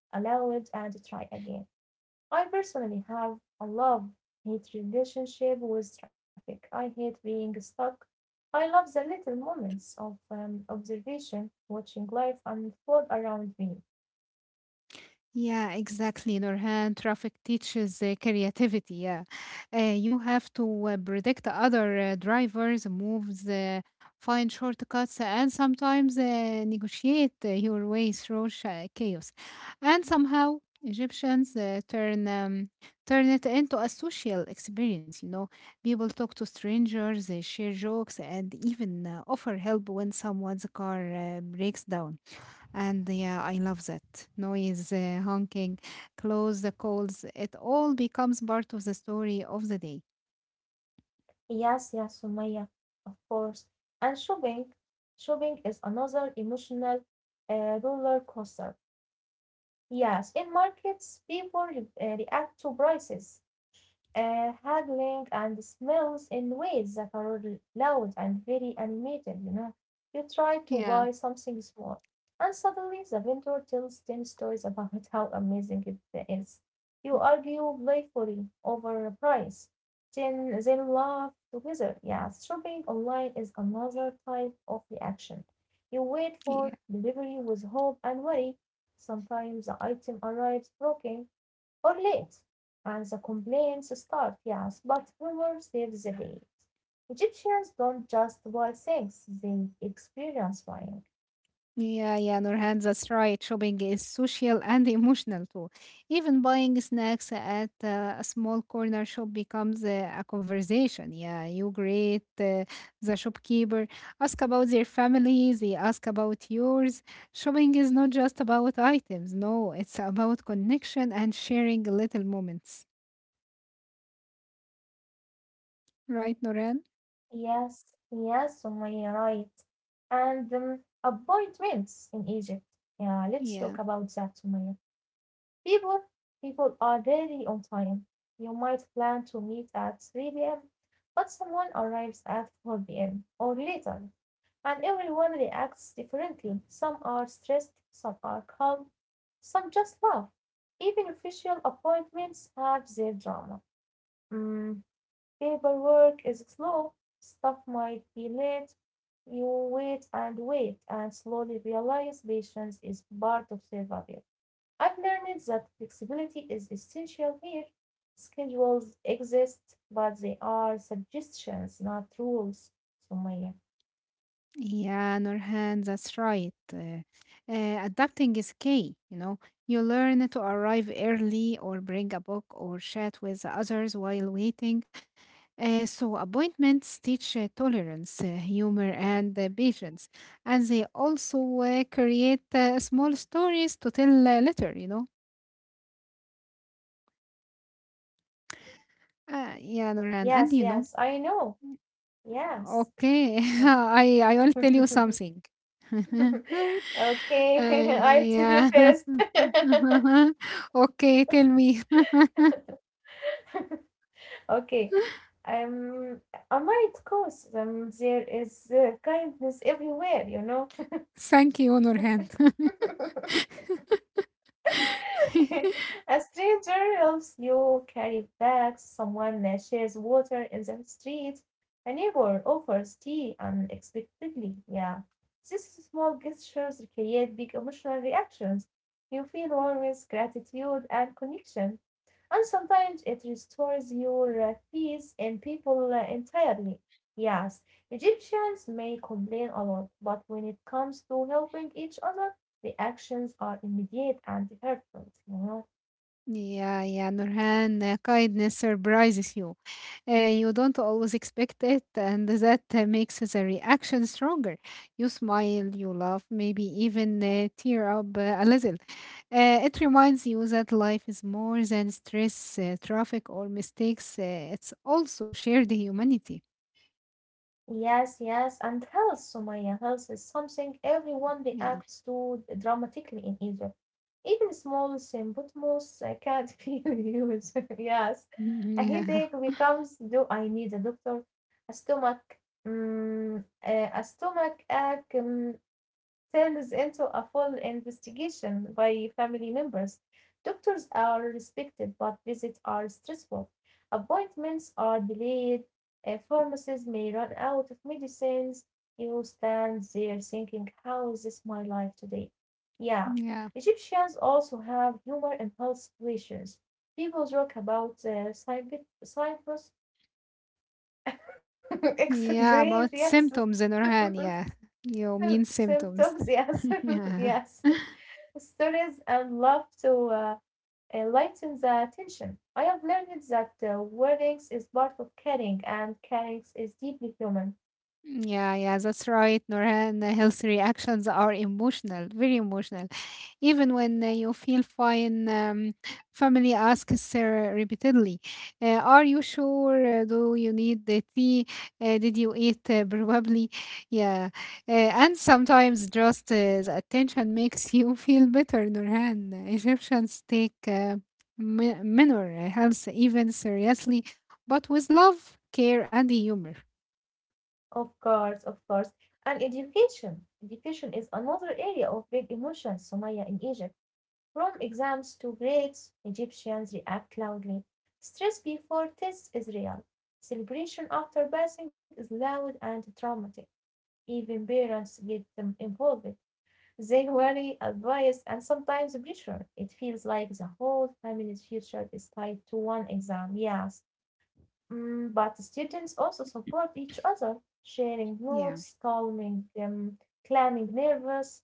A: aloud, and try again. I personally have a love hate relationship with traffic. I hate being stuck. I love the little moments of observation, watching life unfold around me.
B: Yeah, exactly, Nurhan. Traffic teaches creativity. Yeah, you have to predict other drivers' moves, find shortcuts, and sometimes negotiate your way through sha chaos. And somehow, Egyptians turn it into a social experience. You know, people talk to strangers, they share jokes, and even offer help when someone's car breaks down. And yeah, I love that. Noise, honking, close the calls, it all becomes part of the story of the day.
A: Yes, yes, Sumaya, of course. And shopping is another emotional roller coaster. Yes, in markets, people react to prices, haggling and smells in ways that are loud and very animated, you know. You try to
B: Yeah.
A: buy something small, and suddenly the vendor tells 10 stories about how amazing it is. You argue playfully over a price, then laugh together. Yeah, shopping online is another type of reaction. You wait for
B: Yeah.
A: delivery with hope and worry. Sometimes the item arrives broken, or late, and the complaints start, yes, but humor saves the day. Egyptians don't just buy things, they experience buying.
B: Yeah, yeah, Nurhan, that's right. Shopping is social and emotional too. Even buying snacks at a small corner shop becomes a conversation. Yeah, you greet the shopkeeper, ask about their family, they ask about yours. Shopping is not just about items, no, it's about connection and sharing little moments. Right, Norhan?
A: Yes, yes, Sumaya, right. And appointments in Egypt. Yeah, let's
B: Yeah,
A: talk about that, Sumaya. People people are rarely on time. You might plan to meet at 3 p.m., but someone arrives at 4 p.m. or later, and everyone reacts differently. Some are stressed, some are calm, some just laugh. Even official appointments have their drama. Mm, paperwork is slow, stuff might be late. You wait and wait and slowly realize patience is part of survival. I've learned that flexibility is essential here. Schedules exist, but they are suggestions, not rules. Sumaya.
B: yeah, Norhan, that's right. Adapting is key, you know. You learn to arrive early or bring a book or chat with others while waiting. So, appointments teach tolerance, humor, and patience. And they also create small stories to tell later, you know. Yeah, Norhan. And
A: Yes,
B: you know.
A: yes, I know. Yes.
B: Okay,
A: Oh.
B: I will tell you something.
A: Okay,
B: Uh,
A: I'll tell you
B: yeah.
A: first.
B: Okay, tell me.
A: Okay. Um, I might course, there is kindness everywhere, you know.
B: Thank you, Nurhan.
A: A stranger helps you carry bags, someone shares water in the street, a neighbor offers tea unexpectedly. Yeah. These small gestures create big emotional reactions. You feel warmth, gratitude, and connection. And sometimes it restores your faith in people entirely. Yes, Egyptians may complain a lot, but when it comes to helping each other, the actions are immediate and heartfelt, you know.
B: Yeah, yeah, Nurhan, kindness surprises you. You don't always expect it, and that makes the reaction stronger. You smile, you laugh, maybe even tear up a little. It reminds you that life is more than stress, traffic, or mistakes. It's also shared humanity.
A: Yes, yes, and health, Sumaya, health is something everyone
B: Yeah.
A: reacts to dramatically in Egypt. Even small symptoms can not be huge. Yes.
B: Mhm.
A: A
B: Yeah,
A: headache becomes, do I need a doctor? A stomach, a stomach ache, turns into a full investigation by family members. Doctors are respected, but visits are stressful. Appointments are delayed, pharmacies may run out of medicines. You stand there thinking, how is this my life today? Yeah.
B: yeah,
A: Egyptians also have humor and health situations. People joke about Cyprus, Cyprus
B: yeah.
A: excrete,
B: About
A: yes,
B: symptoms, Nurhan. Yeah, you mean
A: symptoms,
B: symptoms.
A: yes, yes
B: Yeah.
A: stories and love to lighten the tension. I have learned that weariness is part of caring, and caring is deeply human.
B: Yeah, yeah, that's right, Norhan. Healthy reactions are emotional, very emotional. Even when you feel fine, family asks repeatedly, are you sure? Do you need the tea? Did you eat? Probably. Yeah. And sometimes just the attention makes you feel better, Norhan. Egyptians take mi- minor health even seriously, but with love, care, and humor.
A: Of course, of course. And education. Education is another area of big emotion, Somalia in Egypt. From exams to grades, Egyptians react loudly. Stress before tests is real. Celebration after passing is loud and dramatic. Even parents get them involved. They worry, advice, and sometimes pressure. It feels like the whole family's future is tied to one exam, yes. Mm, but students also support each other, sharing
B: Yeah.
A: notes, calming them, calming nervous,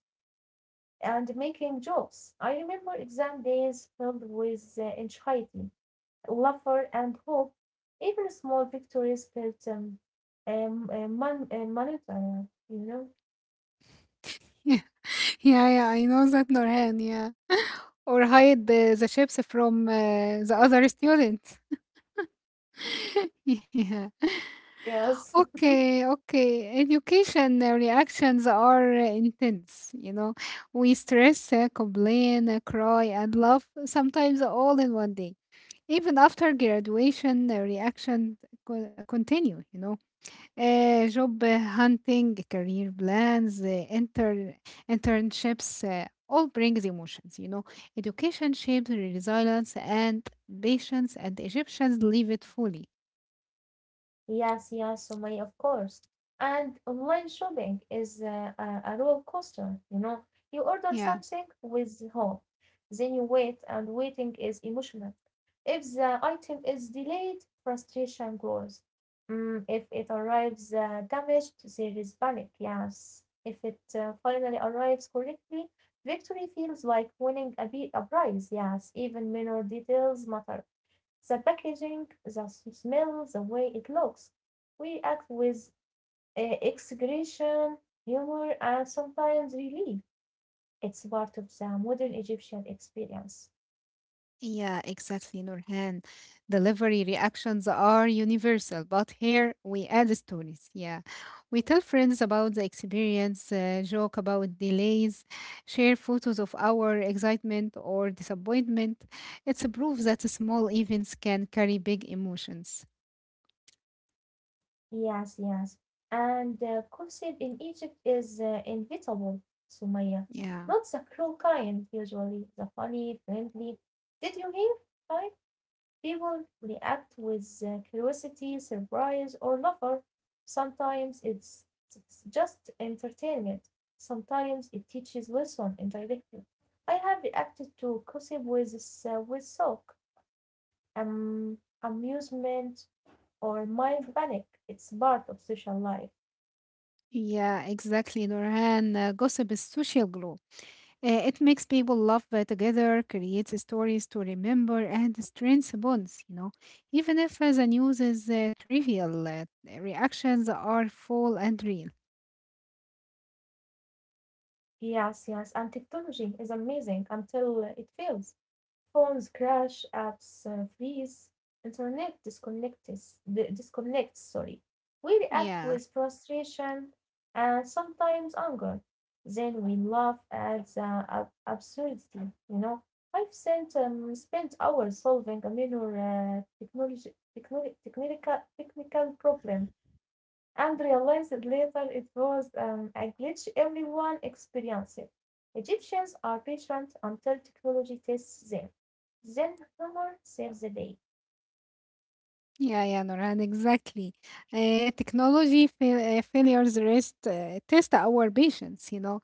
A: and making jokes. I remember exam days filled with anxiety, laughter, and hope. Even small victories felt monetary, you know?
B: Yeah, yeah, I know that Nurhan, yeah. Or hide the chips from the other students. Yeah.
A: Yes.
B: Okay, okay. Education reactions are intense, you know. We stress, complain, cry, and laugh, sometimes all in one day. Even after graduation, the reaction continue, you know. آآ Job hunting, career plans, internships, all brings emotions, you know. Education shapes resilience and patience, and Egyptians live it fully.
A: Yes, yes, Sumaya, of course. And online shopping is a roller coaster, you know. You order
B: Yeah.
A: something with hope, then you wait, and waiting is emotional. If the item is delayed, frustration grows. Mm, if it arrives damaged, there is panic, yes. If it finally arrives correctly, victory feels like winning a prize, yes. Even minor details matter. The packaging, the smell, the way it looks. We act with execration, humor, and sometimes relief. It's part of the modern Egyptian experience.
B: Yeah, exactly, Nurhan. Delivery reactions are universal, but here we add stories. Yeah. We tell friends about the experience, joke about delays, share photos of our excitement or disappointment. It's a proof that small events can carry big emotions.
A: Yes, yes. And gossip in Egypt is inevitable, Sumaya.
B: Yeah.
A: Not the cruel kind, usually, the funny, friendly. Did you hear, right? People react with curiosity, surprise, or laughter. Sometimes it's just entertainment, sometimes it teaches lesson indirectly. I have reacted to gossip with shock, amusement, or mild panic. It's part of social life.
B: Yeah, exactly, Nurhan. Gossip is social glue. It makes people laugh together, creates stories to remember, and strengths bonds, you know. Even if the news is trivial, reactions are full and real.
A: Yes, yes, and technology is amazing until it fails. Phones crash, apps freeze, internet disconnects, disconnects, sorry. We react
B: Yeah,
A: with frustration and sometimes anger. Then we laugh at the absurdity, you know. I've spent hours solving a minor technical problem and realized later it was a glitch everyone experienced. Egyptians are patient until technology tests them. Then humor saves the day.
B: yeah, yeah, Noran, exactly. Technology failures test our patience, you know.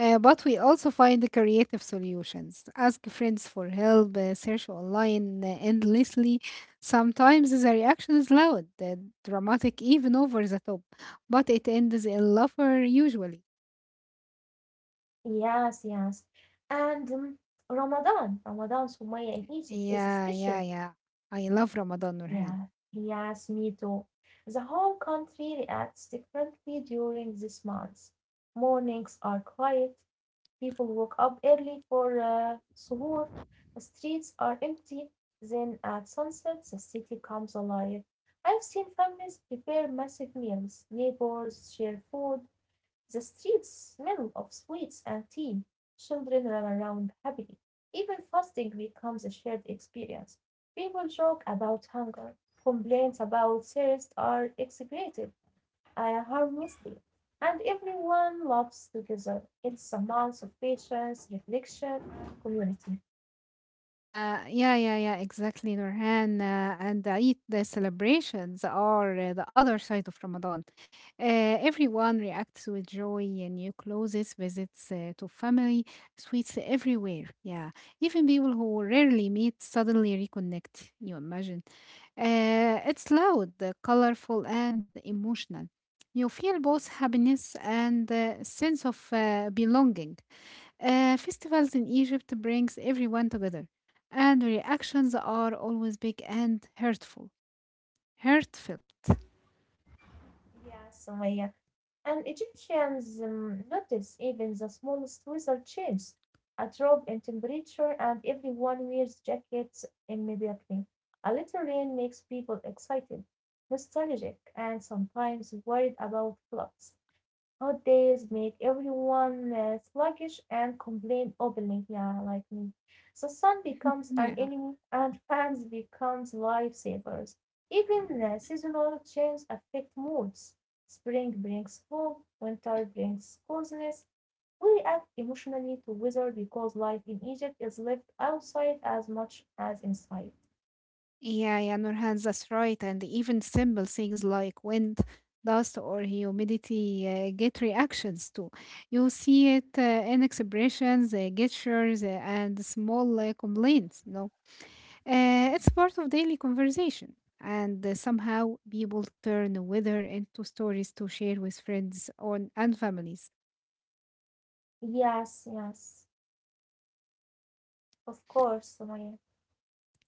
B: But we also find creative solutions. Ask friends for help, search online endlessly. Sometimes the reaction is loud, dramatic, even over the top, but it ends in laughter usually.
A: Yes, yes. And Ramadan, Sumaya in Egypt is
B: Yeah, yeah,
A: special.
B: yeah. I love Ramadan, Nurhan.
A: Yeah, yes, me too. The whole country reacts differently during this month. Mornings are quiet, people woke up early for suhoor, the streets are empty, then at sunset the city comes alive. I've seen families prepare massive meals, neighbors share food, the streets smell of sweets and tea, children run around happily. Even fasting becomes a shared experience. People joke about hunger, complaints about thirst are exaggerated harmlessly, and everyone laughs together. It's a month of patience, reflection, community.
B: Yeah, yeah, yeah, exactly, Nurhan. And the Eid the celebrations are the other side of Ramadan. Uh, Everyone reacts with joy, and new clothes, visits to family, sweets everywhere. Yeah, even people who rarely meet suddenly reconnect. You imagine? It's loud, colorful, and emotional. You feel both happiness and sense of belonging. Festivals in Egypt brings everyone together, and the reactions are always big and hurtful. Hurtfelt.
A: Yes, Sumaya. And Egyptians notice even the smallest weather change, a drop in temperature, and everyone wears jackets immediately. A little rain makes people excited, nostalgic, and sometimes worried about floods. Hot days make everyone sluggish and complain openly. Yeah, like me. The sun becomes an
B: yeah.
A: enemy and fans becomes lifesavers. Even seasonal changes affect moods. Spring brings hope, winter brings coziness. We react emotionally to weather because life in Egypt is lived outside as much as inside.
B: Yeah, yeah, Nurhan, that's right. And even simple things like wind, dust, or humidity get reactions too. You see it in expressions, gestures, and small complaints. You know, it's part of daily conversation, and somehow people turn weather into stories to share with friends or and families.
A: Yes, yes, of course, Sumaya.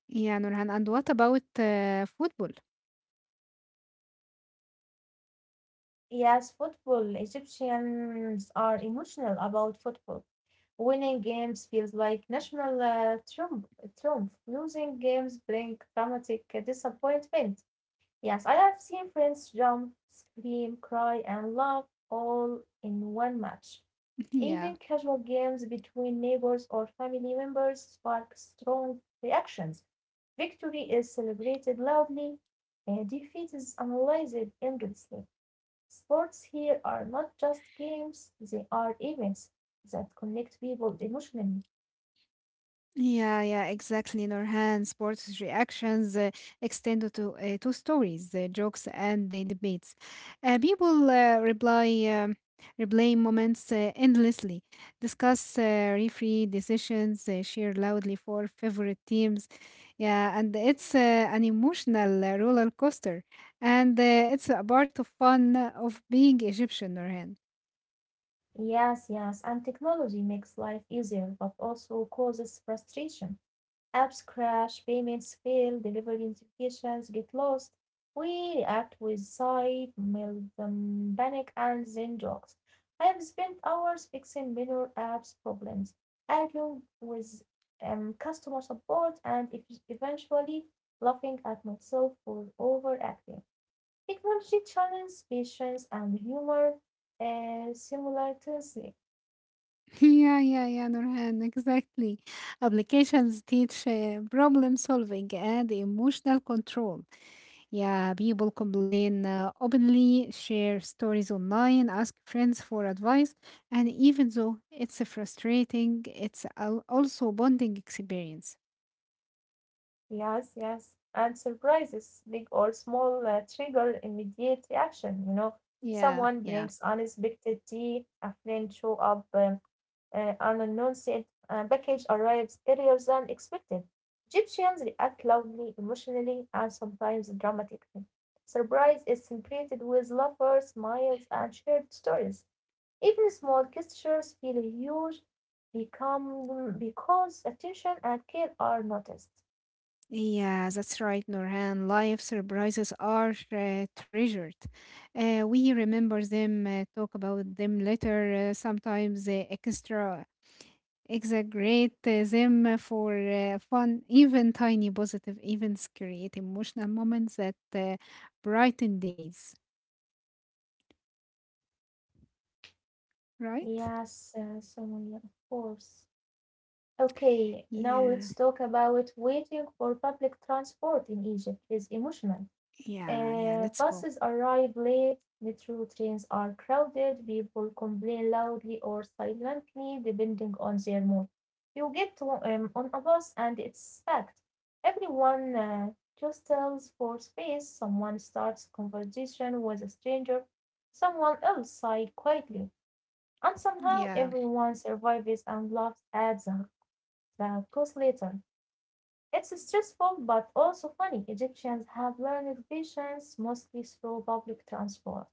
B: Yeah, Nurhan. And what about football?
A: Yes, football. Egyptians are emotional about football. Winning games feels like national triumph. Losing games bring dramatic disappointment. Yes, I have seen friends jump, scream, cry, and laugh all in one match. Even
B: yeah.
A: casual games between neighbors or family members spark strong reactions. Victory is celebrated loudly, and defeat is analyzed endlessly. Sports here are not just games, they are events that connect people emotionally.
B: Yeah, yeah, exactly. Norhan sports reactions extend to stories, jokes, and the debates. People reply replay moments endlessly, discuss referee decisions, share loudly for favorite teams. Yeah, and it's an emotional roller coaster, and it's a part of fun of being Egyptian, Norhan.
A: Yes, yes, and technology makes life easier but also causes frustration. Apps crash, payments fail, delivery notifications get lost. We react with sight, melt panic, and then jokes. I have spent hours fixing minor apps problems, arguing with customer support, and eventually laughing at myself for overacting. Technology challenges patience and humor simultaneously.
B: Yeah, yeah, yeah, Nurhan, exactly. Applications teach problem solving and emotional control. Yeah, people complain openly, share stories online, ask friends for advice, and even though it's frustrating, also a bonding experience.
A: Yes, yes. And surprises, big or small, trigger immediate reaction. You know,
B: Yeah,
A: someone
B: yeah.
A: brings unexpected tea, a friend show up, an announced package arrives earlier than expected. Egyptians react loudly, emotionally, and sometimes dramatically. Surprise is celebrated with laughter, smiles, and shared stories. Even small gestures feel huge become because attention and care are noticed.
B: Yeah, that's right, Nurhan. Life surprises are treasured. We remember them, talk about them later, sometimes extra exaggerate them for fun, even tiny positive events create emotional moments that brighten days, right?
A: Yes, Somalia, of course. Okay, now
B: Yeah,
A: let's talk about waiting for public transport in Egypt is emotional.
B: yeah, yeah, let's go.
A: Buses arrive late, metro trains are crowded, people complain loudly or silently, depending on their mood. You get on a bus and it's packed. Everyone just tells for space, someone starts a conversation with a stranger, someone else sigh quietly. And somehow
B: Yeah,
A: everyone survives and laughs at the cost later. It's stressful but also funny. Egyptians have learned patience mostly through public transport.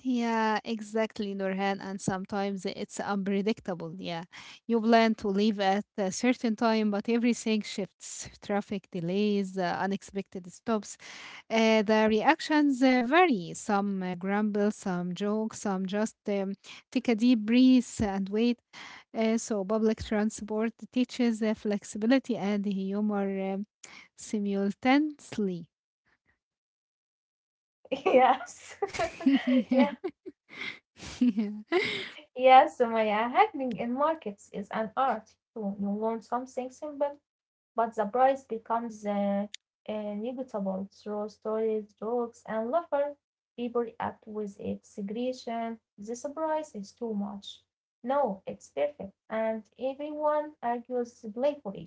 B: yeah, exactly, Nurhan. And sometimes it's unpredictable. Yeah, you plan to leave at a certain time, but everything shifts. Traffic delays, unexpected stops. The reactions vary. Some grumble, some joke, some just take a deep breath and wait. So, public transport teaches flexibility and humor simultaneously.
A: Yes.
B: yeah.
A: Yeah.
B: yeah.
A: Yes, Sumaya. Haggling in markets is an art too. You learn something simple but the price becomes negligible through stories, jokes, and laughter. People react with exaggeration. The surprise is too much. No, it's perfect, and everyone argues playfully.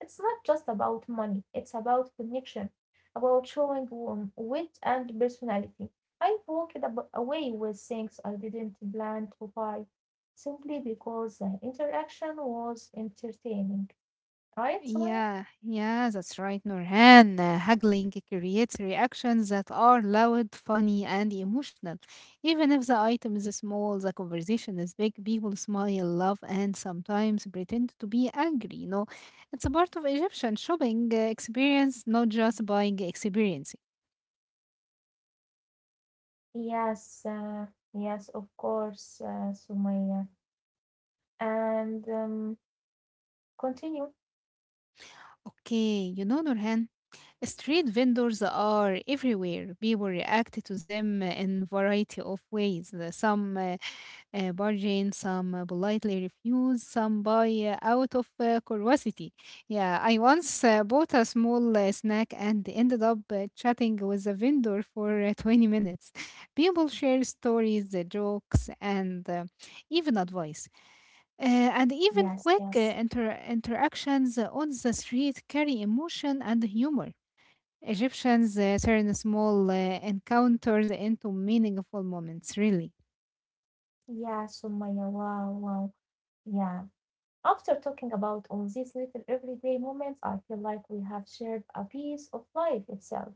A: It's not just about money; it's about connection, about showing wit and personality. I walked away with things I didn't plan to buy simply because the interaction was entertaining. Right, Sumaya?
B: Yeah, yeah, that's right, Nurhan. Haggling creates reactions that are loud, funny, and emotional. Even if the item is small, the conversation is big, people smile, laugh, and sometimes pretend to be angry. You know, it's a part of Egyptian shopping experience, not just buying experience.
A: Yes, yes, of course, Sumaya. And continue.
B: Okay, you know, Nurhan, street vendors are everywhere. People react to them in variety of ways. Some bargain, some politely refuse, some buy out of curiosity. Yeah, I once bought a small snack and ended up chatting with a vendor for 20 minutes. People share stories, jokes, and even advice. And even
A: Yes,
B: quick
A: yes.
B: interactions on the street carry emotion and humor. Egyptians turn small encounters into meaningful moments, really.
A: Yeah, Sumaya. Wow, wow. Yeah. After talking about all these little everyday moments, I feel like we have shared a piece of life itself.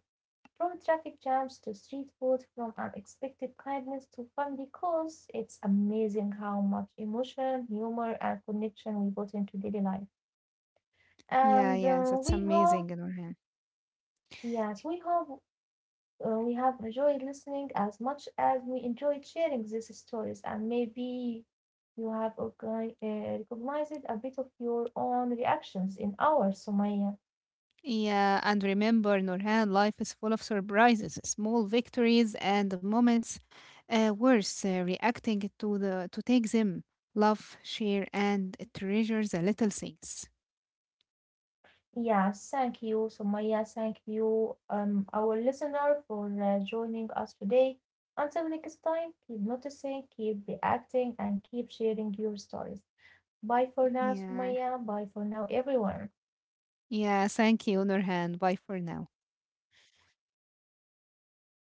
A: From traffic jams to street food, from unexpected kindness to family calls, it's amazing how much emotion, humor, and connection we put into daily life.
B: Yeah,
A: And
B: yeah, that's
A: we hope,
B: amazing, Nurhan.
A: yes, we hope we have enjoyed listening as much as we enjoyed sharing these stories, and maybe you have recognized a bit of your own reactions in ours, Sumaya.
B: Yeah, and remember, Nurhan, life is full of surprises, small victories, and moments worth reacting to the to take them. Love, share, and treasure the little things.
A: Yeah, thank you, Sumaya. Thank you, our listener, for joining us today. Until next time, keep noticing, keep reacting, and keep sharing your stories. Bye for now,
B: Yeah,
A: Sumaya. Bye for now, everyone.
B: yeah. Thank you, Nurhan. Bye for now.